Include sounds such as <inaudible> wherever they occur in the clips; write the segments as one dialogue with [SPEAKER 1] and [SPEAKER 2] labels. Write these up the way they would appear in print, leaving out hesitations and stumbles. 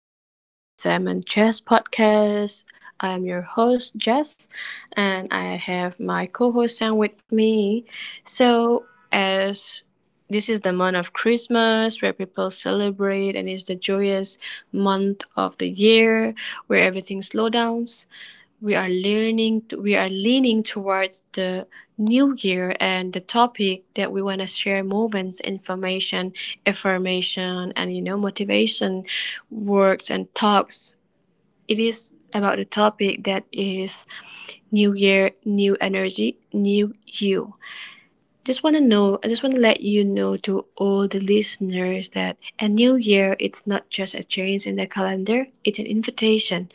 [SPEAKER 1] again to Salmon Jess podcast. I am your host Jess, and I have my co-host Sam with me. So, as this is the month of Christmas where people celebrate and it's the joyous month of the year where everything slows down, we are leaning towards the new year. And the topic that we want to share, moments, information, affirmation, and motivation, works and talks, it is about the topic that is new year, new energy, new you. Just want to know, I just want to let you know to all the listeners that a new year, it's not just a change in the calendar, it's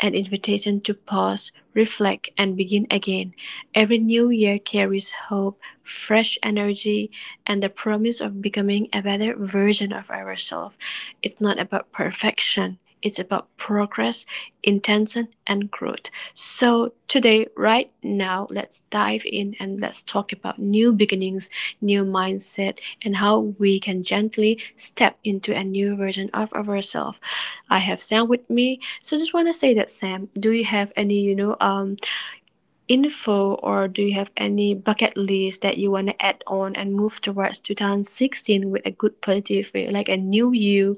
[SPEAKER 1] an invitation to pause, reflect, and begin again. Every new year carries hope, fresh energy, and the promise of becoming a better version of ourselves. It's not about perfection, it's about progress, intention, and growth. So, today, right now, let's dive in and let's talk about new beginnings, new mindset, and how we can gently step into a new version of ourselves. I have Sam with me. So, I just want to say that, Sam, do you have any, info, or do you have any bucket list that you want to add on and move towards 2016 with a good positive way, like a new you,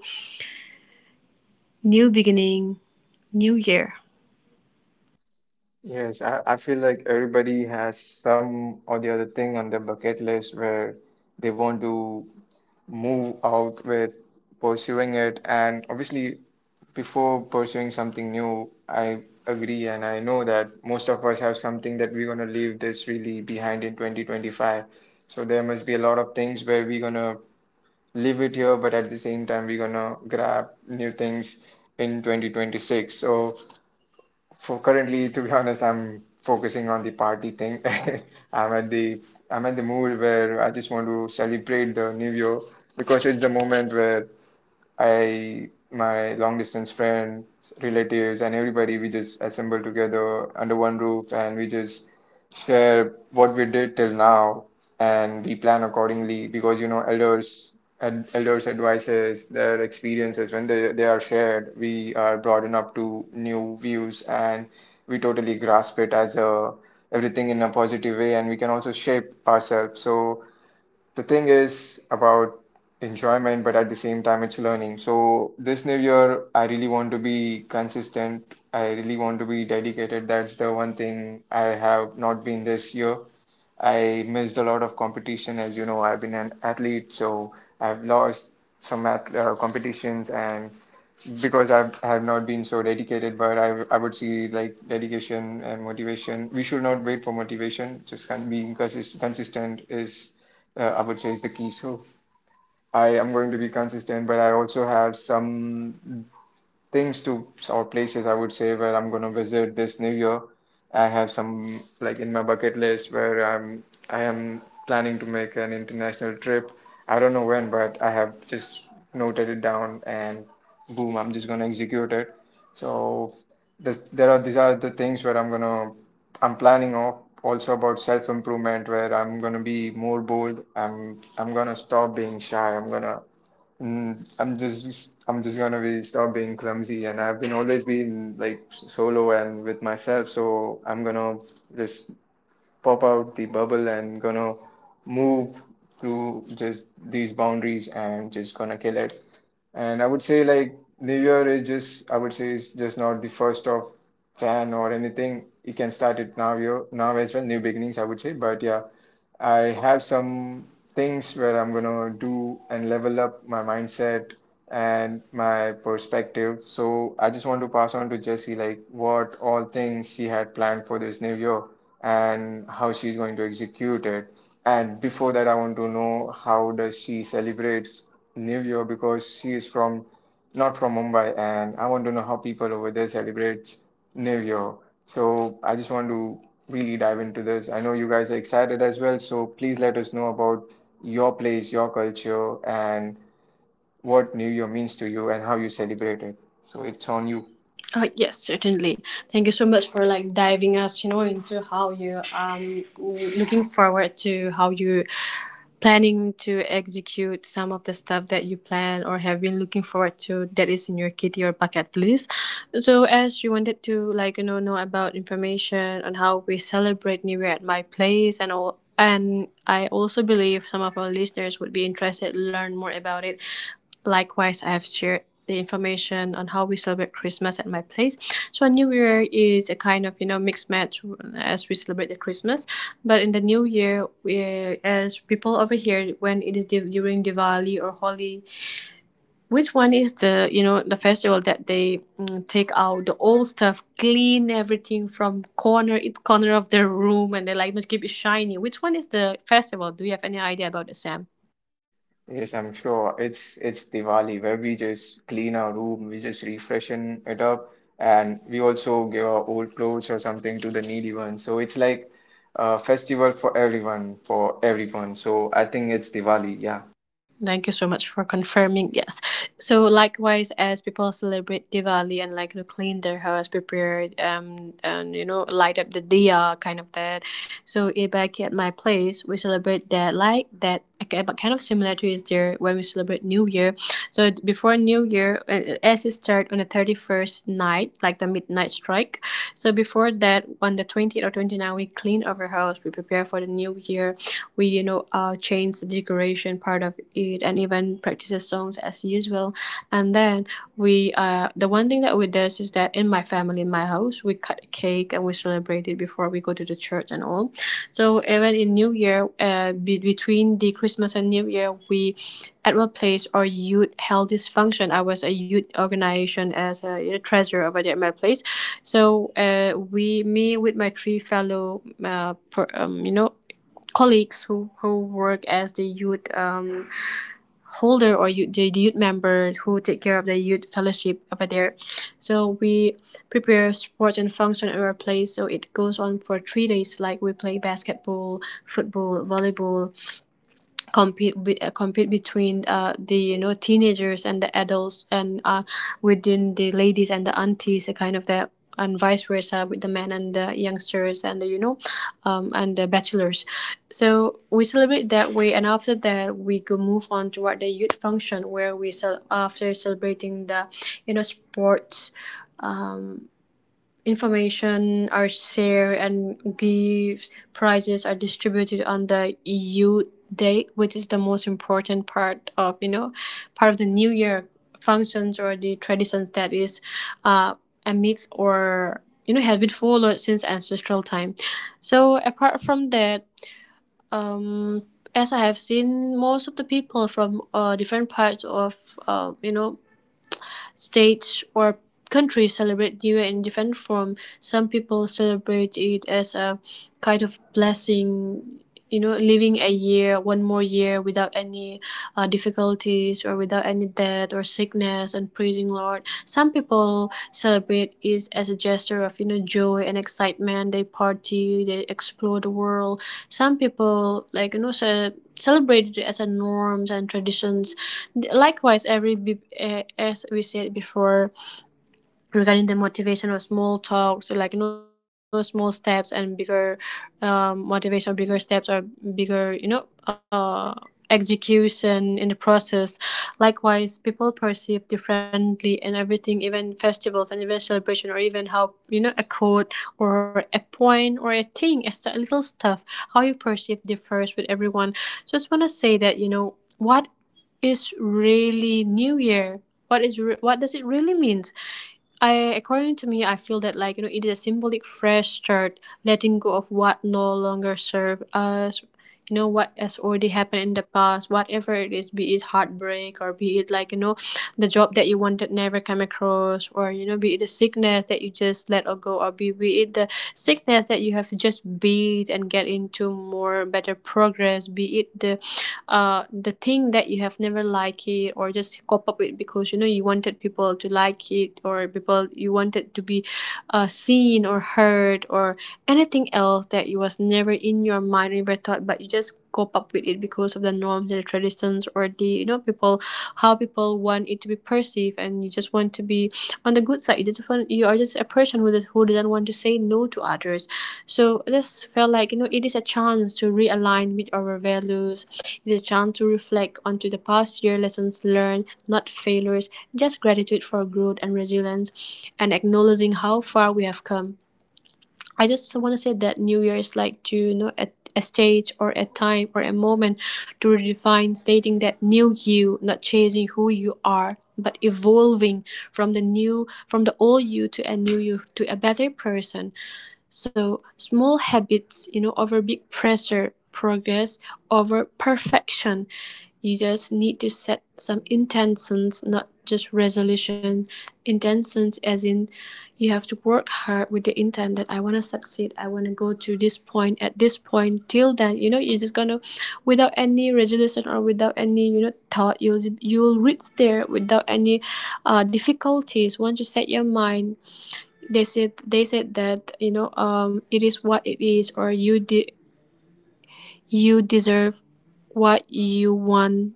[SPEAKER 1] new beginning, new year?
[SPEAKER 2] Yes, I feel like everybody has some or the other thing on their bucket list where they want to move out with pursuing it. And obviously, before pursuing something new, I agree and I know that most of us have something that we're going to leave this really behind in 2025. So there must be a lot of things where we're going to leave it here, but at the same time, we're going to grab new things in 2026. So for currently, to be honest, I'm focusing on the party thing. <laughs> I'm at the I'm at the mood where I just want to celebrate the new year because it's the moment where my long distance friends, relatives, and everybody, we just assemble together under one roof and we just share what we did till now, and we plan accordingly because elders and elders advices their experiences. When they are shared, we are broadened up to new views, and we totally grasp it as a everything in a positive way, and we can also shape ourselves. So the thing is about enjoyment, but at the same time, it's learning. So this new year, I really want to be consistent. I really want to be dedicated. That's the one thing I have not been this year. I missed a lot of competition. As you know, I've been an athlete, so I've lost some ath competitions, and because I have not been so dedicated, but I would see like dedication and motivation. We should not wait for motivation. Just con being consistent is, I would say, is the key. So I am going to be consistent, but I also have some things to or places, I would say, where I'm going to visit this new year. I have some like in my bucket list where I am planning to make an international trip. I don't know when, but I have just noted it down, and boom, I'm just going to execute it. So this, there are these are the things where I'm going to I'm planning off also about self improvement, where I'm going to be more bold. I'm going to stop being shy. I'm going to I'm just gonna be stop being clumsy, and I've been always been like solo and with myself, so I'm gonna just pop out the bubble and gonna move through just these boundaries and just gonna kill it. And I would say like New Year is just, I would say, it's just not the 1st of Jan or anything. You can start it now, year now as well, new beginnings, I would say. But yeah, I have some things where I'm gonna do and level up my mindset and my perspective. So I just want to pass on to Jessie like what all things she had planned for this new year and how she's going to execute it. And before that, I want to know how does she celebrates New Year, because she is from not from Mumbai, and I want to know how people over there celebrate New Year. So I just want to really dive into this. I know you guys are excited as well, so please let us know about your place, your culture, and what New Year means to you and how you celebrate it. So it's on you.
[SPEAKER 1] Yes, certainly. Thank you so much for like diving us, into how you looking forward to how you planning to execute some of the stuff that you plan or have been looking forward to that is in your kitty or bucket list. So as you wanted to, like know about information on how we celebrate New Year at my place and all, and I also believe some of our listeners would be interested to learn more about it. Likewise, I have shared the information on how we celebrate Christmas at my place. So New Year is a kind of mixed match, as we celebrate the Christmas, but in the New Year, we, as people over here, when it is during Diwali or Holi, which one is the you know the festival that they take out the old stuff, clean everything from corner each corner of the room, and they like not keep it shiny. Which one is the festival? Do you have any idea about it, Sam?
[SPEAKER 2] Yes, I'm sure. It's Diwali, where we just clean our room, we just refreshen it up, and we also give our old clothes or something to the needy ones. So it's like a festival for everyone, for everyone. So I think it's Diwali, yeah.
[SPEAKER 1] Thank you so much for confirming. Yes. So likewise, as people celebrate Diwali and like to clean their house, prepare and light up the diya kind of that. So back at my place, we celebrate that like that. Okay, but kind of similar to is there when we celebrate New Year. So before New Year, as it start on the 31st night, like the midnight strike. So before that, on the 20th or twenty ninth, we clean our house. We prepare for the New Year. We change the decoration part of it, and even practices songs as usual. And then we the one thing that we did is that, in my house, we cut a cake and we celebrate it before we go to the church and all. So even in new year, between the Christmas and new year, we at what place our youth held this function. I was a youth organization as a treasurer over there at my place. So we me with my three fellow per, you know colleagues, who work as the youth holder, or the youth member, who take care of the youth fellowship over there. So we prepare sports and function at our place. So it goes on for 3 days. Like we play basketball, football, volleyball, compete between the teenagers and the adults, and within the ladies and the aunties a kind of that, and vice versa with the men and the youngsters and the and the bachelors. So we celebrate that way, and after that we go move on toward the youth function, where we after celebrating the sports, information are shared and gifts, prizes are distributed on the eu day, which is the most important part of the new year functions or the traditions that is uh, a myth, or has been followed since ancestral time. So apart from that, um as I have seen, most of the people from different parts of states or countries celebrate New Year in different form. Some people celebrate it as a kind of blessing, living a year, one more year without any difficulties or without any death or sickness, and praising Lord. Some people celebrate it as a gesture of, joy and excitement. They party, they explore the world. Some people, like, celebrate it as a norms and traditions. Likewise, as we said before, regarding the motivation or small talks, like small steps and bigger motivation, bigger steps, or bigger execution in the process. Likewise, people perceive differently in everything, even festivals and even celebration, or even how a quote or a point or a thing, a little stuff, how you perceive differs with everyone. So, just want to say that, what is really new year, what does it really mean? I according to me, I feel that, like it is a symbolic fresh start, letting go of what no longer serve us. You know what has already happened in the past, whatever it is, be it heartbreak, or be it, like the job that you wanted never come across, or be it the sickness that you just let or go, or be it the sickness that you have to just beat and get into more better progress, be it the thing that you have never liked it, or just cope up with because, you wanted people to like it, or people you wanted to be seen or heard, or anything else that it was never in your mind, never thought, but you just cope up with it because of the norms and the traditions, or the people, how people want it to be perceived, and you just want to be on the good side. You just want you are just a person who doesn't want to say no to others. So I just felt like, it is a chance to realign with our values. It's a chance to reflect onto the past year, lessons learned, not failures, just gratitude for growth and resilience, and acknowledging how far we have come. I just want to say that New Year is like, to at a stage or a time or a moment to redefine, stating that new you, not chasing who you are, but evolving from the new from the old you to a new you, to a better person. So small habits, over big pressure, progress over perfection. You just need to set some intentions, not just resolution. Intentions as in, you have to work hard with the intent that I wanna succeed, I wanna go to this point at this point. Till then, you're just gonna, without any resolution or without any, thought, you'll reach there without any difficulties. Once you set your mind, they said that, it is what it is, or you deserve what you want,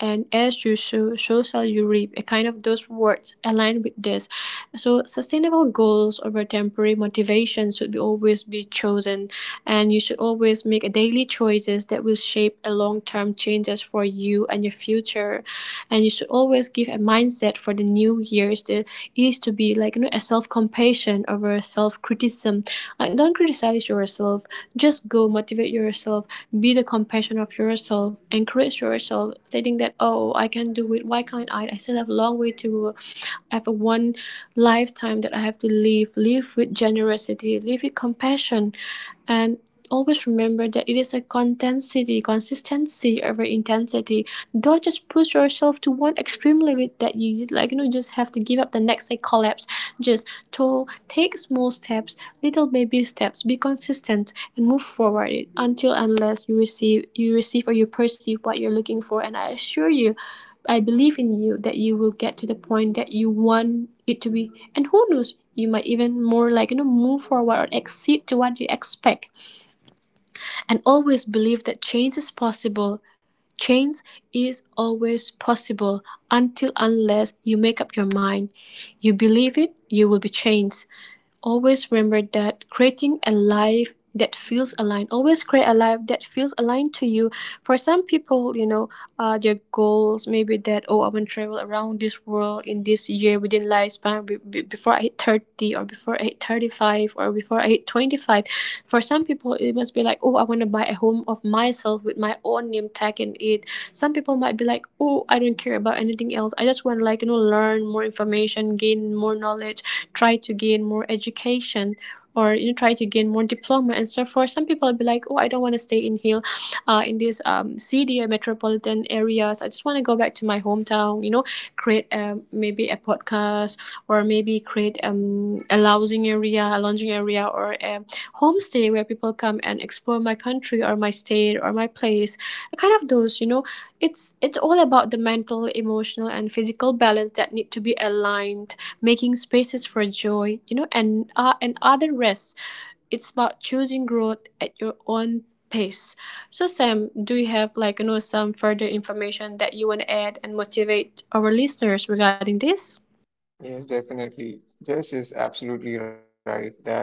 [SPEAKER 1] and as you sow, so shall you reap. A kind of those words align with this. So sustainable goals over temporary motivation should be always be chosen, and you should always make a daily choices that will shape a long term changes for you and your future. And you should always give a mindset for the new years that is to be like, a self compassion over self criticism. Like, don't criticize yourself. Just go motivate yourself. Be the compassion of yourself. Encourage yourself, stating that, oh, I can do it. Why can't I? I still have a long way to go. I have a one lifetime that I have to live. Live with generosity. Live with compassion, and always remember that it is consistency over intensity. Don't just push yourself to one extreme limit that you, like you know just have to give up the next day, collapse. Just to take small steps, little baby steps, be consistent and move forward, until unless you receive, or you perceive what you're looking for. And I assure you, I believe in you that you will get to the point that you want it to be. And who knows, you might even more move forward or exceed to what you expect, and always believe that change is possible. Change is always possible until unless you make up your mind. You believe it, you will be changed. Always remember that creating a life that feels aligned. Always create a life that feels aligned to you. For some people, you know, their goals maybe that, oh, I want to travel around this world in this year within lifespan before I hit 30, or before I hit 35, or before I hit 25. For some people, it must be like, oh, I want to buy a home of myself with my own name tag in it. Some people might be like, oh, I don't care about anything else. I just want to learn more information, gain more knowledge, try to gain more education, or you know, try to gain more diploma and so forth. Some people will be like, oh, I don't want to stay in here, in this city or metropolitan areas. I just want to go back to my hometown. You know, create maybe a podcast, or maybe create a lounging area, or a homestay where people come and explore my country or my state or my place, kind of those you know. It's all about the mental, emotional and physical balance that need to be aligned, making spaces for joy you know, and and other rest. It's about choosing growth at your own pace. So Sam, do you have some further information that you want to add and motivate our listeners regarding this?
[SPEAKER 2] Yes, definitely. Jess is absolutely right that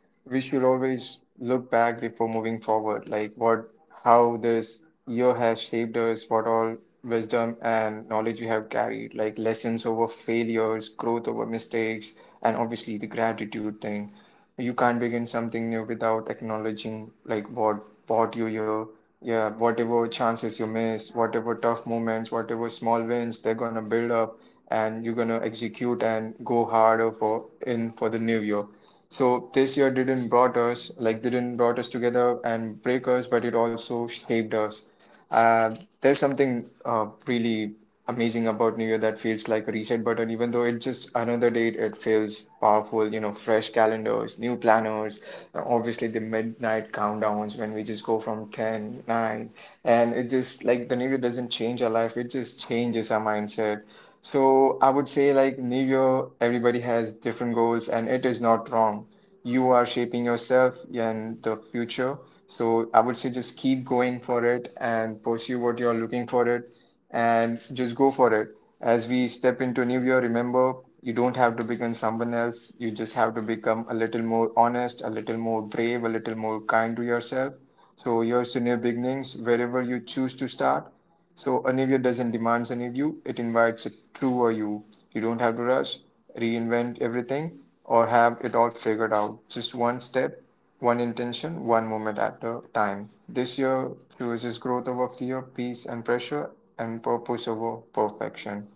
[SPEAKER 2] we should always look back before moving forward, like what, how this year has shaped us, what all wisdom and knowledge we have carried, like lessons over failures, growth over mistakes, and obviously the gratitude thing. You can't begin something new without acknowledging like what brought you here. Yeah, whatever chances you miss, whatever tough moments, whatever small wins, they're gonna build up, and you're gonna execute and go harder for the new year. So this year didn't brought us together and break us, but it also shaped us. Uh, there's something really amazing about New Year that feels like a reset button, even though it's just another date. It feels powerful, fresh calendars, new planners, obviously the midnight countdowns when we just go from 10, 9, and it just like the New Year doesn't change our life. It just changes our mindset. So I would say like New Year, everybody has different goals, and it is not wrong. You are shaping yourself and the future. So I would say just keep going for it and pursue what you're looking for it, and just go for it. As we step into New Year, remember you don't have to become someone else. You just have to become a little more honest, a little more brave, a little more kind to yourself. So here's to new beginnings, wherever you choose to start. So a new year doesn't demand a new you, it invites a truer you. You don't have to rush, reinvent everything, or have it all figured out. Just one step, one intention, one moment at a time. This year chooses growth over fear, peace and pressure, and purpose over perfection.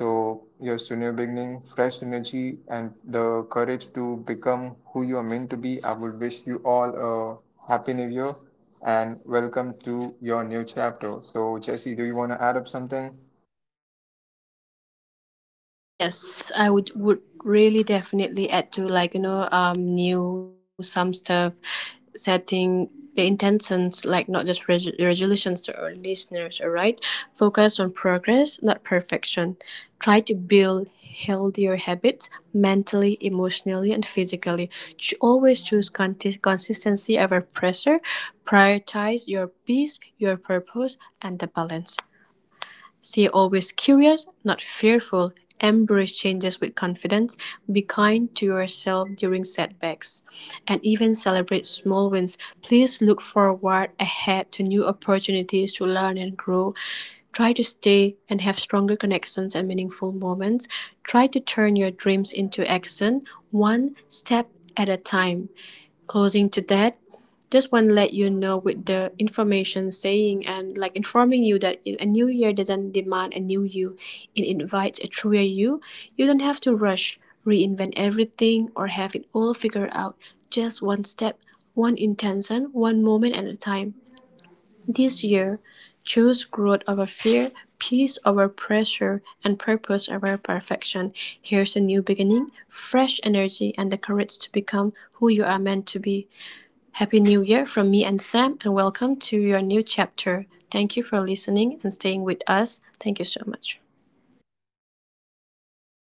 [SPEAKER 2] So, yes, so new beginning, fresh energy, and the courage to become who you are meant to be. I would wish you all a happy new year, and welcome to your new chapter. So, Jesse, do you want to add up something?
[SPEAKER 1] Yes, I would really definitely add to new some stuff, setting the intentions, like not just resolutions to our listeners. All right, focus on progress, not perfection. Try to build healthier habits mentally, emotionally, and physically. Always choose consistency over pressure. Prioritize your peace, your purpose, and the balance. Stay always curious, not fearful. Embrace changes with confidence. Be kind to yourself during setbacks. And even celebrate small wins. Please look forward ahead to new opportunities to learn and grow. Try to stay and have stronger connections and meaningful moments. Try to turn your dreams into action, one step at a time. Closing to that, just want to let you know with the information saying and like informing you that a new year doesn't demand a new you, it invites a truer you. You don't have to rush, reinvent everything, or have it all figured out. Just one step, one intention, one moment at a time. This year, choose growth over fear, peace over pressure, and purpose over perfection. Here's a new beginning, fresh energy, and the courage to become who you are meant to be. Happy New Year from me and Sam, and welcome to your new chapter. Thank you for listening and staying with us. Thank you so much.